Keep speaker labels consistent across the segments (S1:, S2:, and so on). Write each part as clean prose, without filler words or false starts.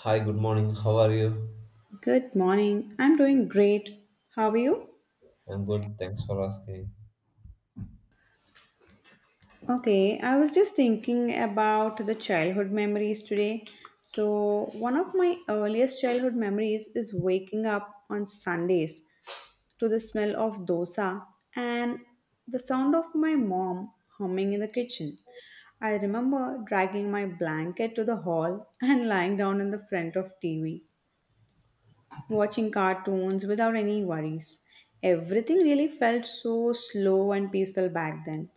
S1: Hi, good morning. How are you?
S2: Good morning. I'm doing great. How are you?
S1: I'm good. Thanks for asking.
S2: Okay, I was just thinking about the childhood memories today. So, one of my earliest childhood memories is waking up on Sundays to the smell of dosa and the sound of my mom humming in the kitchen. I remember dragging my blanket to the hall and lying down in the front of TV watching cartoons without any worries. Everything really felt so slow and peaceful back then.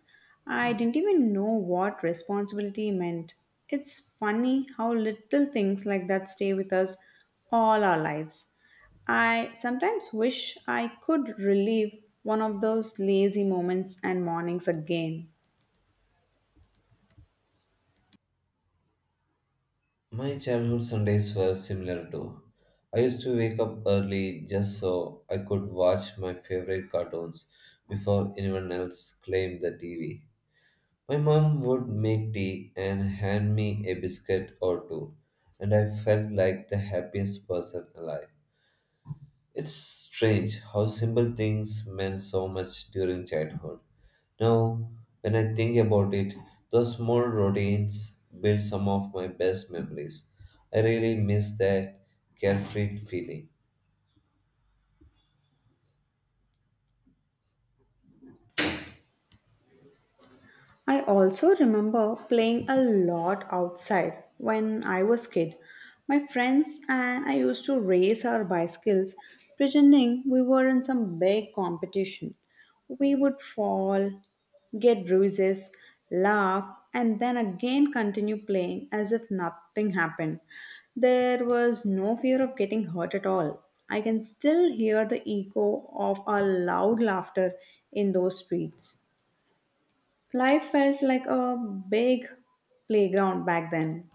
S2: I didn't even know what responsibility meant. It's funny how little things like that stay with us all our lives. I sometimes wish I could relive one of those lazy moments and mornings again.
S1: My childhood Sundays were similar too. I used to wake up early just so I could watch my favorite cartoons before anyone else claimed the TV. My mom would make tea and hand me a biscuit or two, and I felt like the happiest person alive. It's strange how simple things meant so much during childhood. Now, when I think about it, those small routines build some of my best memories. I really miss that carefree feeling.
S2: I also remember playing a lot outside when I was kid. My friends and I used to race our bicycles pretending we were in some big competition. We would fall, get bruises, laugh, and then again continue playing as if nothing happened. There was no fear of getting hurt at all. I can still hear the echo of our loud laughter in those streets. Life felt like a big playground back then.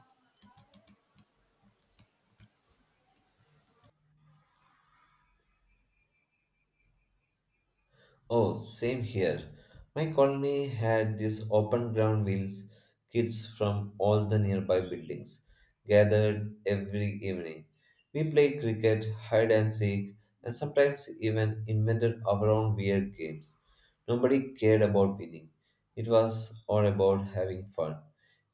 S1: Oh, same here. My colony had these open ground wheels, kids from all the nearby buildings gathered every evening. We played cricket, hide and seek, and sometimes even invented our own weird games. Nobody cared about winning. It was all about having fun.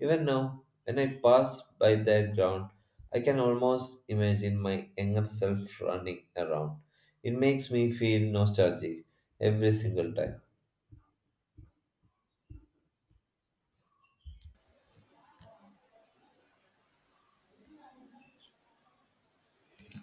S1: Even now, when I pass by that ground, I can almost imagine my younger self running around. It makes me feel nostalgic every single time.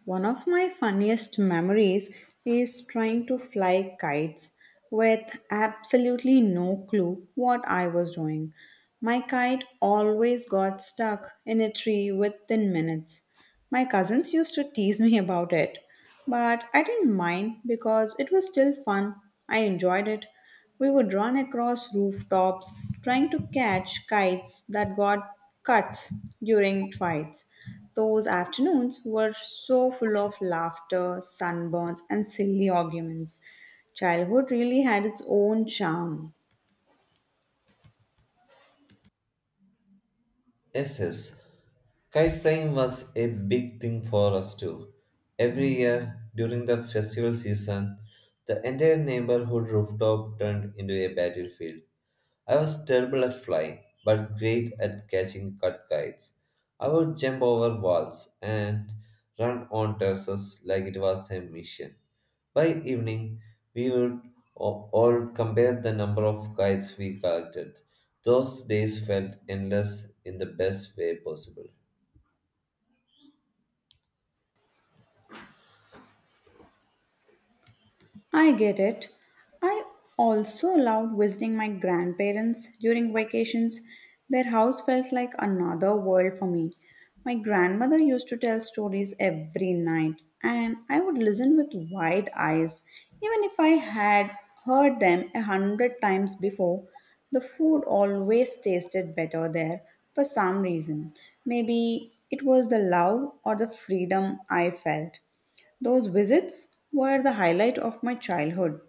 S2: One of my funniest memories is trying to fly kites with absolutely no clue what I was doing. My kite always got stuck in a tree within minutes. My cousins used to tease me about it, but I didn't mind because it was still fun. I enjoyed it. We would run across rooftops trying to catch kites that got cuts during fights. Those afternoons were so full of laughter, sunburns, and silly arguments. Childhood really had its own charm.
S1: Yes, yes. Kite flying was a big thing for us too. Every year during the festival season, the entire neighborhood rooftop turned into a battlefield. I was terrible at flying, but great at catching cut kites. I would jump over walls and run on terraces like it was a mission. By evening, we would all compare the number of kites we collected. Those days felt endless in the best way possible.
S2: I get it. I also loved visiting my grandparents during vacations. Their house felt like another world for me. My grandmother used to tell stories every night, and I would listen with wide eyes. Even if I had heard them a hundred times before, the food always tasted better there for some reason. Maybe it was the love or the freedom I felt. Those visits were the highlight of my childhood.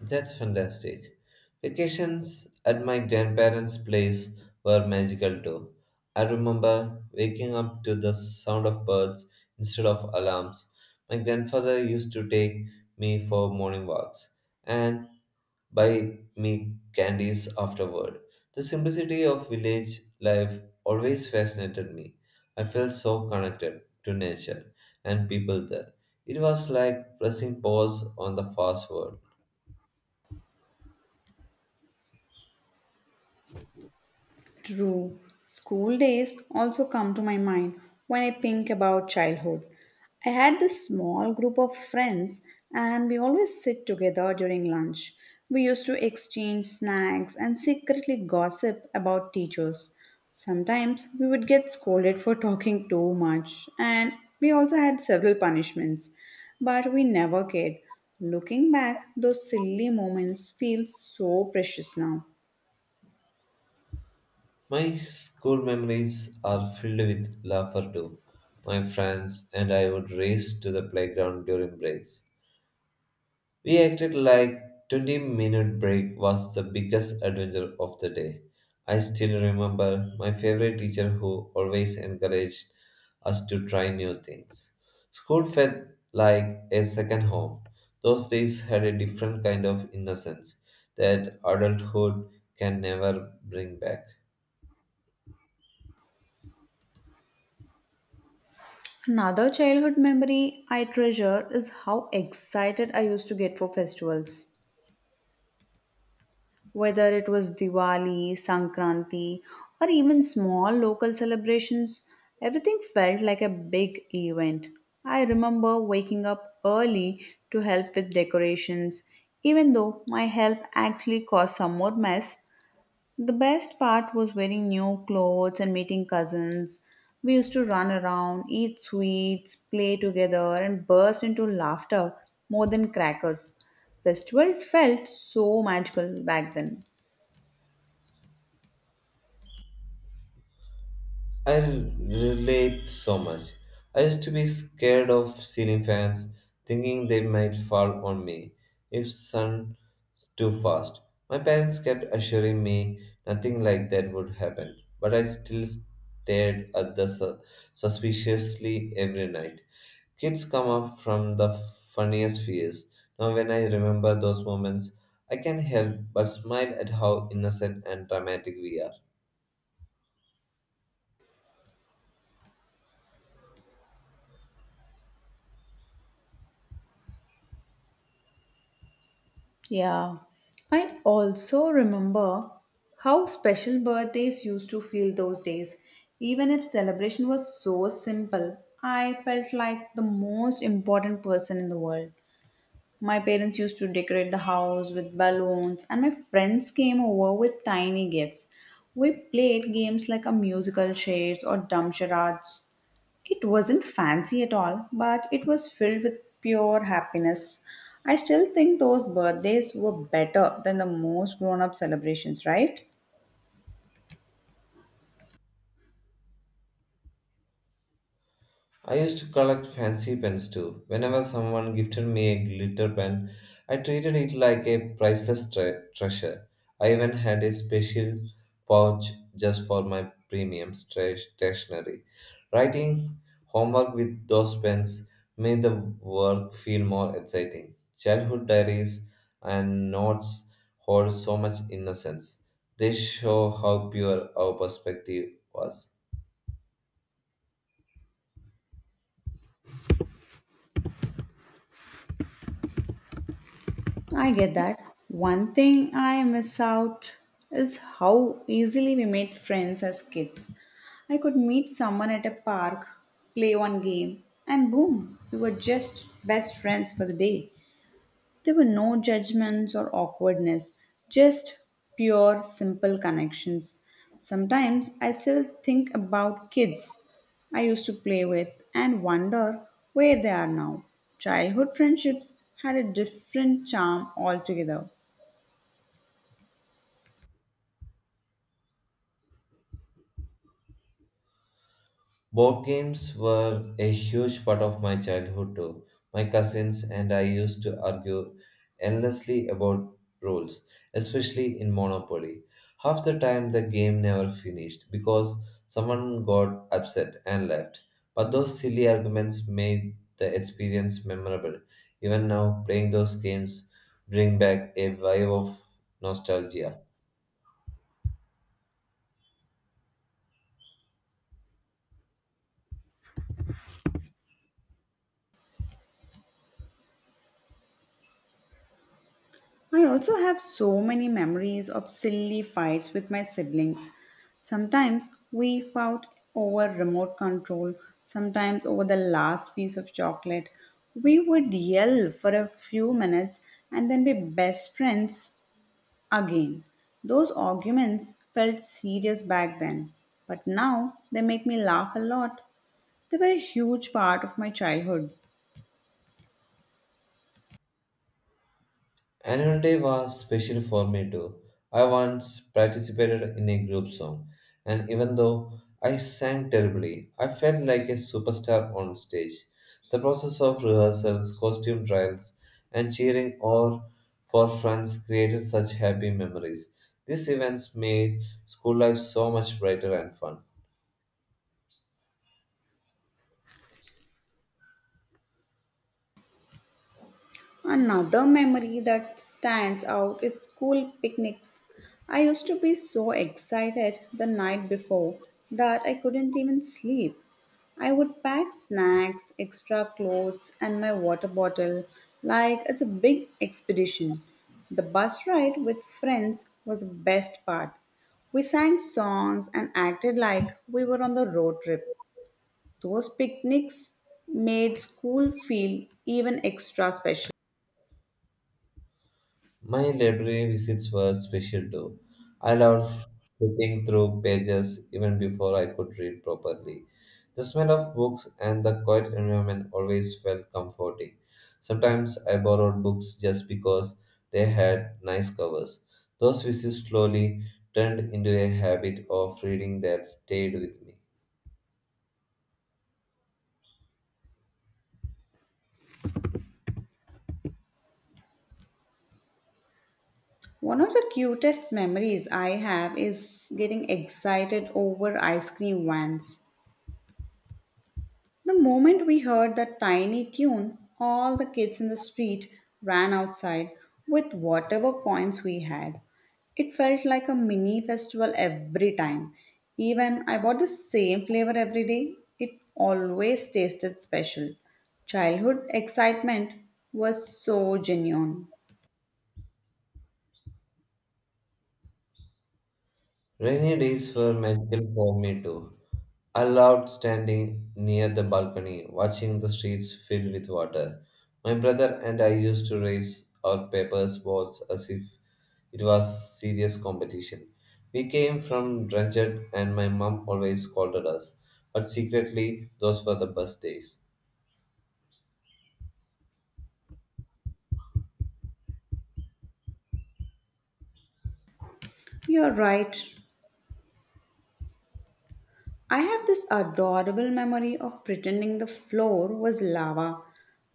S1: That's fantastic. Vacations at my grandparents' place were magical too. I remember waking up to the sound of birds instead of alarms. My grandfather used to take me for morning walks and buy me candies afterward. The simplicity of village life always fascinated me. I felt so connected to nature and people there. It was like pressing pause on the fast world.
S2: True. School days also come to my mind when I think about childhood. I had this small group of friends and we always sit together during lunch. We used to exchange snacks and secretly gossip about teachers. Sometimes we would get scolded for talking too much and we also had several punishments, but we never cared. Looking back, those silly moments feel so precious now.
S1: My school memories are filled with laughter too. My friends and I would race to the playground during breaks. We acted like 20-minute break was the biggest adventure of the day. I still remember my favorite teacher who always encouraged us to try new things. School felt like a second home. Those days had a different kind of innocence that adulthood can never bring back.
S2: Another childhood memory I treasure is how excited I used to get for festivals. Whether it was Diwali, Sankranti, or even small local celebrations, everything felt like a big event. I remember waking up early to help with decorations, even though my help actually caused some more mess the best part was wearing new clothes and meeting cousins. We used to run around, eat sweets, play together, and burst into laughter more than crackers. Festival felt so magical back then.
S1: I relate so much. I used to be scared of ceiling fans, thinking they might fall on me if sun too fast. My parents kept assuring me nothing like that would happen, but I still stared at the suspiciously every night. Kids come up from the funniest fears. Now, when I remember those moments, I can't help but smile at how innocent and dramatic we are.
S2: Yeah. I also remember how special birthdays used to feel those days. Even if celebration was so simple, I felt like the most important person in the world. My parents used to decorate the house with balloons, and my friends came over with tiny gifts. We played games like a musical chairs or dumb charades. It wasn't fancy at all, but it was filled with pure happiness. I still think those birthdays were better than the most grown up celebrations, right?
S1: I used to collect fancy pens too. Whenever someone gifted me a glitter pen, I treated it like a priceless treasure. I even had a special pouch just for my premium stationery. Writing homework with those pens made the work feel more exciting. Childhood diaries and notes hold so much innocence. They show how pure our perspective was.
S2: I get that. One thing I miss out is how easily we made friends as kids. I could meet someone at a park, play one game, and boom, we were just best friends for the day. There were no judgments or awkwardness, just pure, simple connections. Sometimes I still think about kids I used to play with and wonder where they are now. Childhood friendships had a different charm altogether.
S1: Board games were a huge part of my childhood too. My cousins and I used to argue endlessly about rules, especially in Monopoly. Half the time the game never finished because someone got upset and left. But those silly arguments made the experience memorable. Even now, playing those games bring back a wave of nostalgia.
S2: I also have so many memories of silly fights with my siblings. Sometimes we fought over remote control, sometimes over the last piece of chocolate. We would yell for a few minutes and then be best friends again. Those arguments felt serious back then, but now they make me laugh a lot. They were a huge part of my childhood.
S1: Annual Day was special for me too. I once participated in a group song, and even though I sang terribly, I felt like a superstar on stage. The process of rehearsals, costume trials, and cheering all for friends created such happy memories. These events made school life so much brighter and fun.
S2: Another memory that stands out is school picnics. I used to be so excited the night before that I couldn't even sleep. I would pack snacks, extra clothes, and my water bottle like it's a big expedition. The bus ride with friends was the best part. We sang songs and acted like we were on the road trip. Those picnics made school feel even extra special.
S1: My library visits were special too. I loved flipping through pages even before I could read properly. The smell of books and the quiet environment always felt comforting. Sometimes I borrowed books just because they had nice covers. Those visits slowly turned into a habit of reading that stayed with me.
S2: One of the cutest memories I have is getting excited over ice cream vans. The moment we heard that tiny tune, all the kids in the street ran outside with whatever coins we had. It felt like a mini festival every time. Even I bought the same flavor every day, it always tasted special. Childhood excitement was so genuine.
S1: Rainy days were magical for me too. I loved standing near the balcony, watching the streets filled with water. My brother and I used to race our papers balls as if it was serious competition. We came from Dranged and my mum always scolded us, but secretly those were the best days.
S2: You're right. I have this adorable memory of pretending the floor was lava.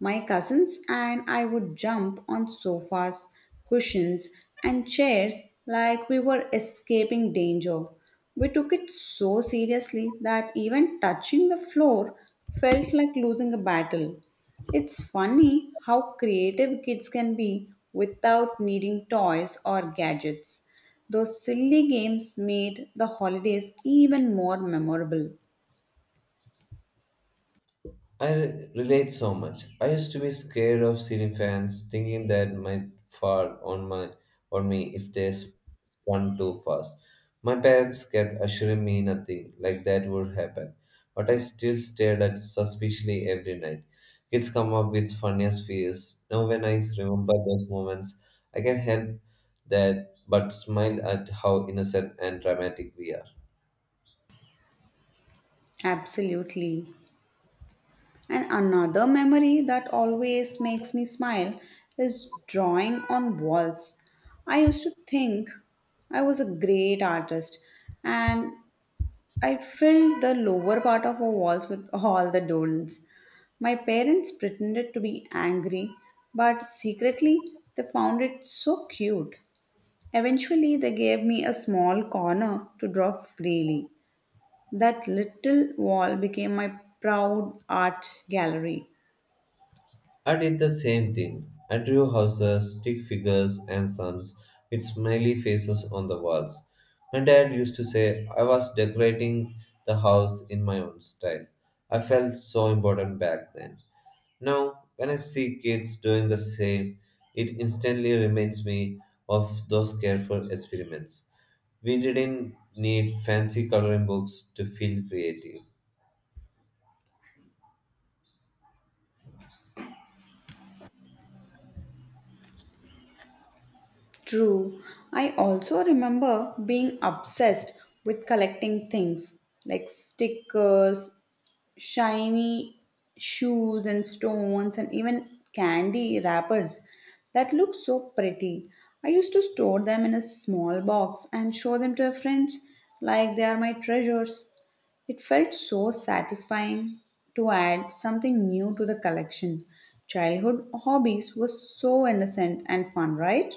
S2: My cousins and I would jump on sofas, cushions, and chairs like we were escaping danger. We took it so seriously that even touching the floor felt like losing a battle. It's funny how creative kids can be without needing toys or gadgets. Those silly games made the holidays even more memorable.
S1: I relate so much. I used to be scared of ceiling fans, thinking that might fall on my on me if they spun too fast. My parents kept assuring me nothing like that would happen, but I still stared at suspiciously every night. Kids come up with funniest fears. Now, when I remember those moments, I can't help that but smile at how innocent and dramatic we are.
S2: Absolutely. And another memory that always makes me smile is drawing on walls. I used to think I was a great artist, and I filled the lower part of our walls with all the dolls. My parents pretended to be angry, but secretly they found it so cute. Eventually, they gave me a small corner to draw freely. That little wall became my proud art gallery.
S1: I did the same thing. I drew houses, stick figures, and suns with smiley faces on the walls. My dad used to say I was decorating the house in my own style. I felt so important back then. Now, when I see kids doing the same, it instantly reminds me of those careful experiments. We didn't need fancy coloring books to feel creative.
S2: True, I also remember being obsessed with collecting things like stickers, shiny shoes and stones and even candy wrappers that look so pretty. I used to store them in a small box and show them to friends like they are my treasures. It felt so satisfying to add something new to the collection. Childhood hobbies were so innocent and fun, right?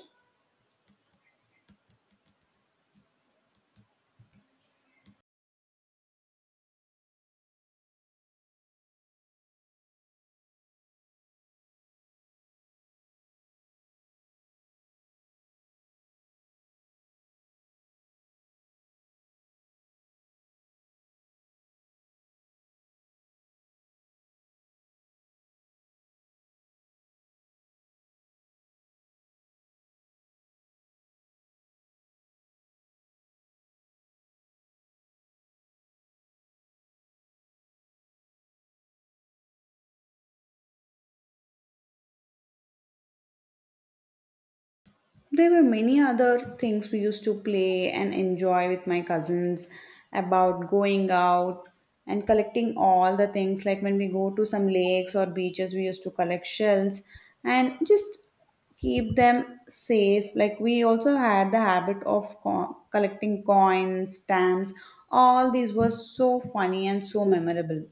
S2: There were many other things we used to play and enjoy with my cousins about going out and collecting all the things. Like when we go to some lakes or beaches, we used to collect shells and just keep them safe. Like we also had the habit of collecting coins, stamps. All these were so funny and so memorable.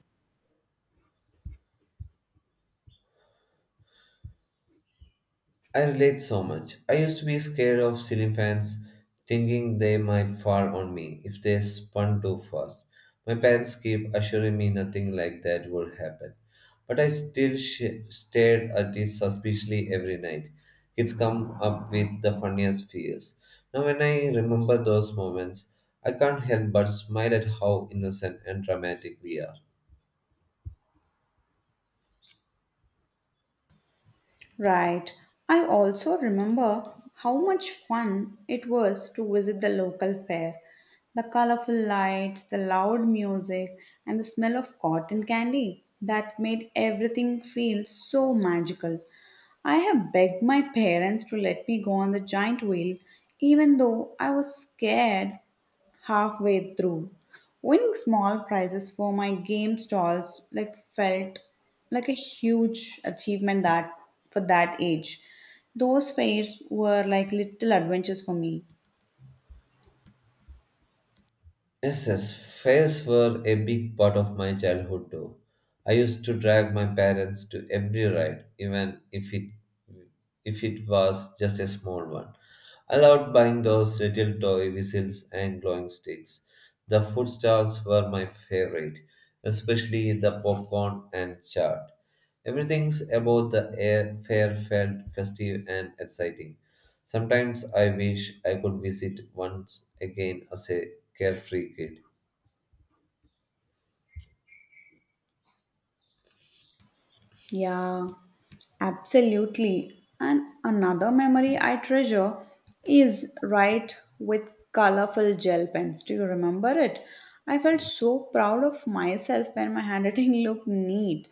S1: I relate so much. I used to be scared of ceiling fans, thinking they might fall on me if they spun too fast. My parents keep assuring me nothing like that would happen. But I still stared at it suspiciously every night. Kids come up with the funniest fears. Now, when I remember those moments, I can't help but smile at how innocent and dramatic we are.
S2: Right. I also remember how much fun it was to visit the local fair. The colorful lights, the loud music, and the smell of cotton candy that made everything feel so magical. I have begged my parents to let me go on the giant wheel, even though I was scared halfway through. Winning small prizes for my game stalls like felt like a huge achievement that for that age. Those fairs were like little adventures for me.
S1: Yes, yes, fairs were a big part of my childhood too. I used to drag my parents to every ride, even if it was just a small one. I loved buying those little toy whistles and glowing sticks. The food stalls were my favorite, especially the popcorn and chaat. Everything about the air fair felt festive and exciting. Sometimes I wish I could visit once again as a carefree kid.
S2: Yeah, absolutely. And another memory I treasure is write with colorful gel pens. Do you remember it? I felt so proud of myself when my handwriting looked neat.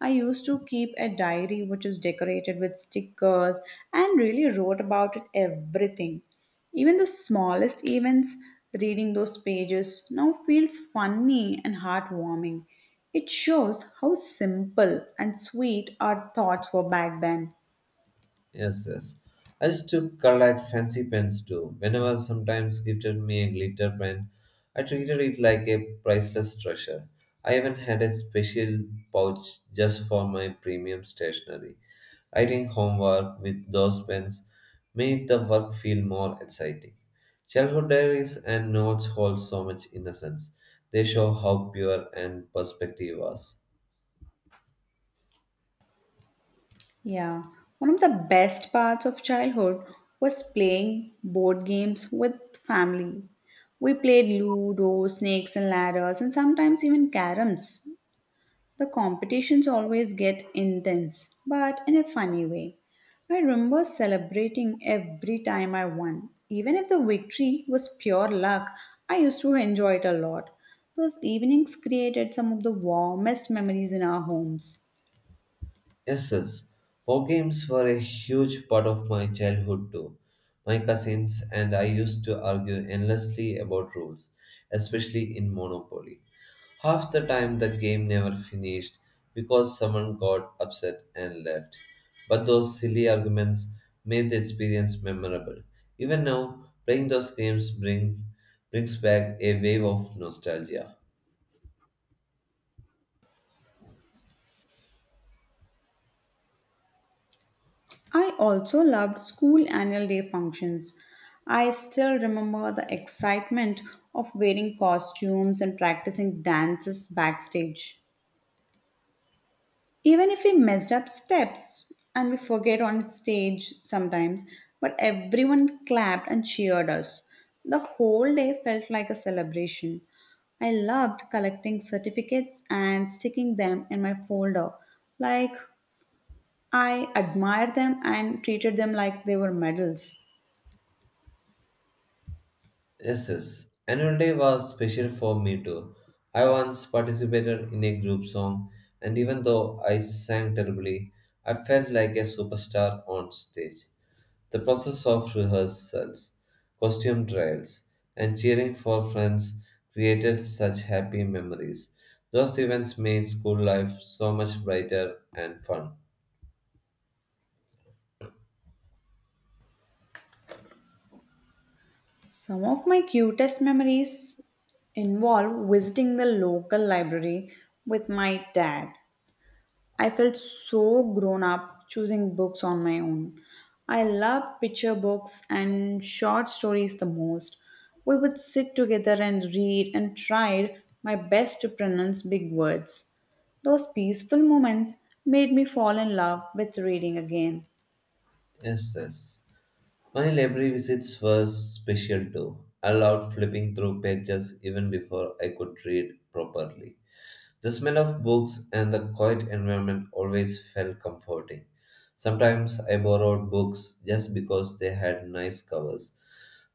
S2: I used to keep a diary which is decorated with stickers and really wrote about it everything. Even the smallest events, reading those pages now feels funny and heartwarming. It shows how simple and sweet our thoughts were back then.
S1: Yes, yes. I used to collect fancy pens too. Whenever sometimes gifted me a glitter pen, I treated it like a priceless treasure. I even had a special pouch just for my premium stationery. Writing homework with those pens made the work feel more exciting. Childhood diaries and notes hold so much innocence. They show how pure and perspective was.
S2: Yeah, one of the best parts of childhood was playing board games with family. We played Ludo, Snakes and Ladders, and sometimes even Caroms. The competitions always get intense, but in a funny way. I remember celebrating every time I won. Even if the victory was pure luck, I used to enjoy it a lot. Those evenings created some of the warmest memories in our homes.
S1: Yes, yes. Board games were a huge part of my childhood too. My cousins and I used to argue endlessly about rules, especially in Monopoly. Half the time the game never finished because someone got upset and left. But those silly arguments made the experience memorable. Even now, playing those games brings back a wave of nostalgia.
S2: I also loved school annual day functions. I still remember the excitement of wearing costumes and practicing dances backstage. Even if we messed up steps and we forget on stage sometimes, but everyone clapped and cheered us. The whole day felt like a celebration. I loved collecting certificates and sticking them in my folder, like I admired them and treated them like they were medals.
S1: Yes, yes. Annual day was special for me too. I once participated in a group song, and even though I sang terribly, I felt like a superstar on stage. The process of rehearsals, costume trials, and cheering for friends created such happy memories. Those events made school life so much brighter and fun.
S2: Some of my cutest memories involve visiting the local library with my dad. I felt so grown up choosing books on my own. I love picture books and short stories the most. We would sit together and read and tried my best to pronounce big words. Those peaceful moments made me fall in love with reading again.
S1: Yes, yes. My library visits were special too. I loved flipping through pages even before I could read properly. The smell of books and the quiet environment always felt comforting. Sometimes I borrowed books just because they had nice covers.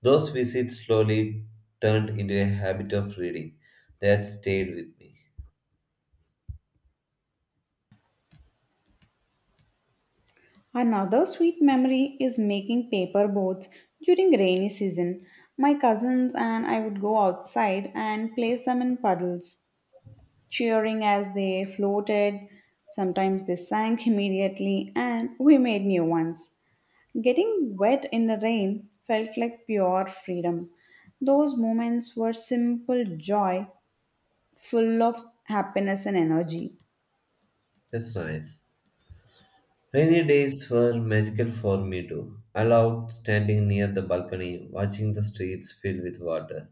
S1: Those visits slowly turned into a habit of reading that stayed with me.
S2: Another sweet memory is making paper boats during rainy season. My cousins and I would go outside and place them in puddles, cheering as they floated. Sometimes they sank immediately, and we made new ones. Getting wet in the rain felt like pure freedom. Those moments were simple joy, full of happiness and energy.
S1: That's nice. Rainy days were magical for me too. I loved standing near the balcony, watching the streets filled with water.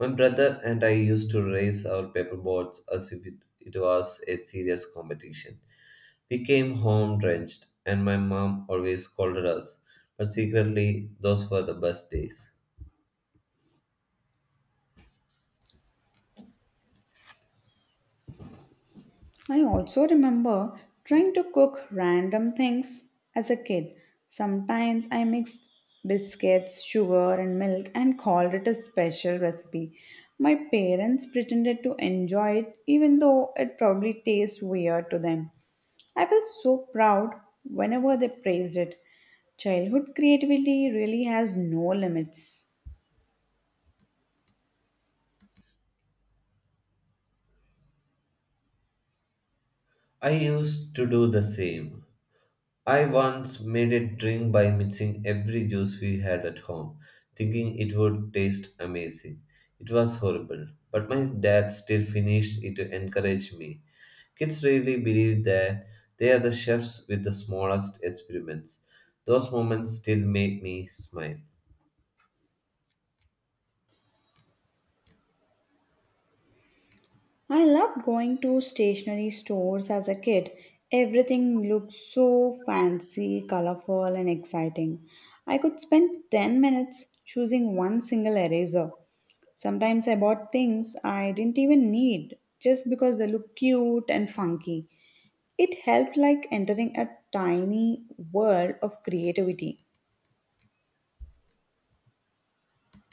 S1: My brother and I used to race our paperboards as if it was a serious competition. We came home drenched, and my mom always scolded us, but secretly, those were the best days.
S2: I also remember trying to cook random things as a kid. Sometimes I mixed biscuits, sugar, and milk and called it a special recipe. My parents pretended to enjoy it, even though it probably tastes weird to them. I felt so proud whenever they praised it. Childhood creativity really has no limits.
S1: I used to do the same. I once made a drink by mixing every juice we had at home, thinking it would taste amazing. It was horrible, but my dad still finished it to encourage me. Kids really believe that they are the chefs with the smallest experiments. Those moments still make me smile.
S2: I loved going to stationery stores as a kid. Everything looked so fancy, colorful, and exciting. I could spend 10 minutes choosing one single eraser. Sometimes I bought things I didn't even need just because they looked cute and funky. It helped like entering a tiny world of creativity.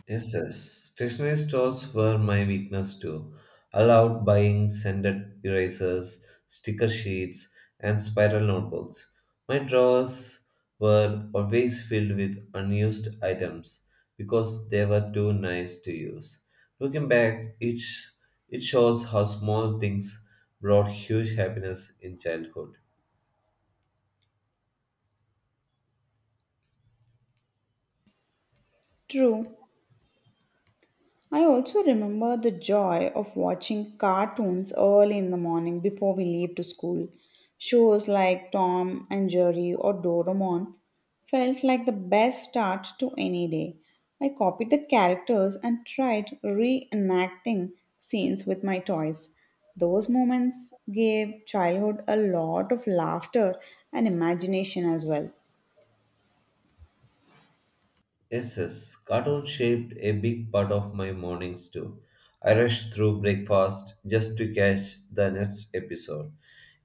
S1: Yes, yes. Stationery stores were my weakness too. Allowed buying scented erasers, sticker sheets, and spiral notebooks. My drawers were always filled with unused items because they were too nice to use. Looking back, it shows how small things brought huge happiness in childhood.
S2: True, I also remember the joy of watching cartoons early in the morning before we leave to school. Shows like Tom and Jerry or Doraemon felt like the best start to any day. I copied the characters and tried reenacting scenes with my toys. Those moments gave childhood a lot of laughter and imagination as well.
S1: Yes, yes. Cartoons shaped a big part of my mornings too. I rushed through breakfast just to catch the next episode.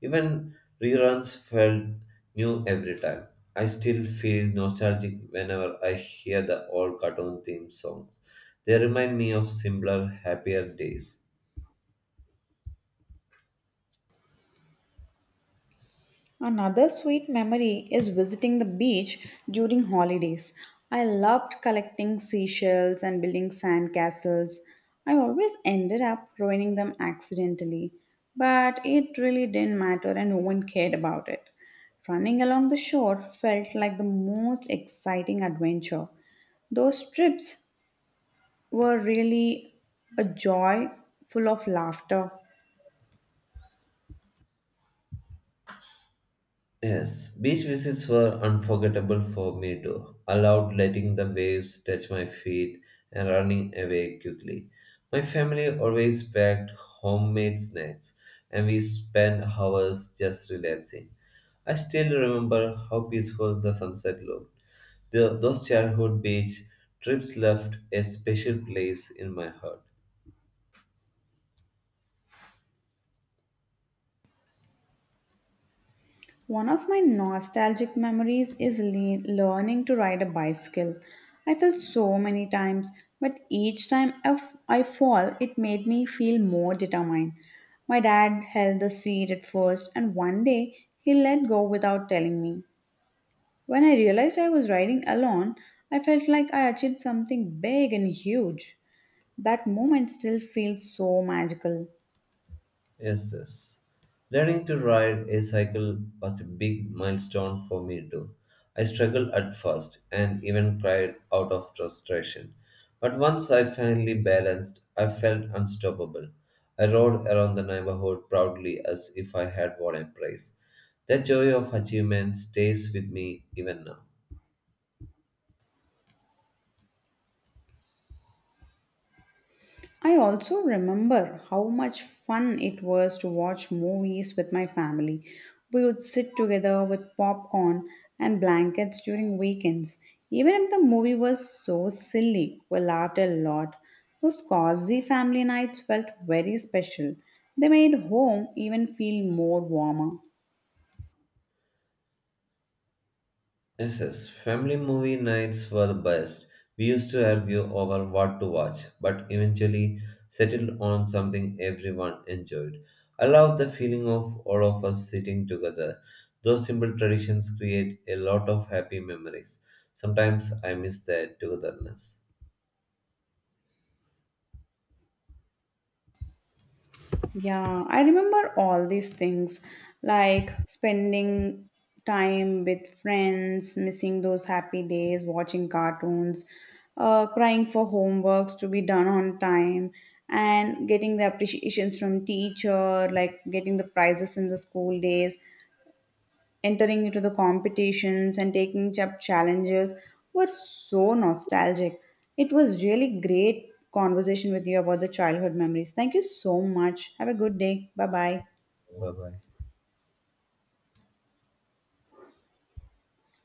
S1: Even reruns felt new every time. I still feel nostalgic whenever I hear the old cartoon theme songs. They remind me of simpler, happier days.
S2: Another sweet memory is visiting the beach during holidays. I loved collecting seashells and building sand castles. I always ended up ruining them accidentally, but it really didn't matter and no one cared about it. Running along the shore felt like the most exciting adventure. Those trips were really a joy full of laughter.
S1: Yes, beach visits were unforgettable for me too. I loved letting the waves touch my feet and running away quickly. My family always packed homemade snacks, and we spent hours just relaxing. I still remember how peaceful the sunset looked. Those childhood beach trips left a special place in my heart.
S2: One of my nostalgic memories is learning to ride a bicycle. I fell so many times, but each time I fall, it made me feel more determined. My dad held the seat at first, and one day he let go without telling me. When I realized I was riding alone, I felt like I achieved something big and huge. That moment still feels so magical.
S1: Yes, yes. Learning to ride a cycle was a big milestone for me too. I struggled at first and even cried out of frustration. But once I finally balanced, I felt unstoppable. I rode around the neighborhood proudly as if I had won a prize. That joy of achievement stays with me even now.
S2: I also remember how much fun it was to watch movies with my family. We would sit together with popcorn and blankets during weekends. Even if the movie was so silly, we laughed a lot. Those cozy family nights felt very special. They made home even feel more warmer.
S1: Yes, yes. Family movie nights were the best. We used to argue over what to watch, but eventually settled on something everyone enjoyed. I love the feeling of all of us sitting together. Those simple traditions create a lot of happy memories. Sometimes I miss that togetherness.
S2: Yeah, I remember all these things like spending time with friends, missing those happy days, watching cartoons, crying for homeworks to be done on time, and getting the appreciations from teacher, like getting the prizes in the school days entering into the competitions and taking up challenges were so nostalgic. It was really great conversation with you about the childhood memories. Thank you so much. Have a good day. Bye bye.
S1: Bye bye.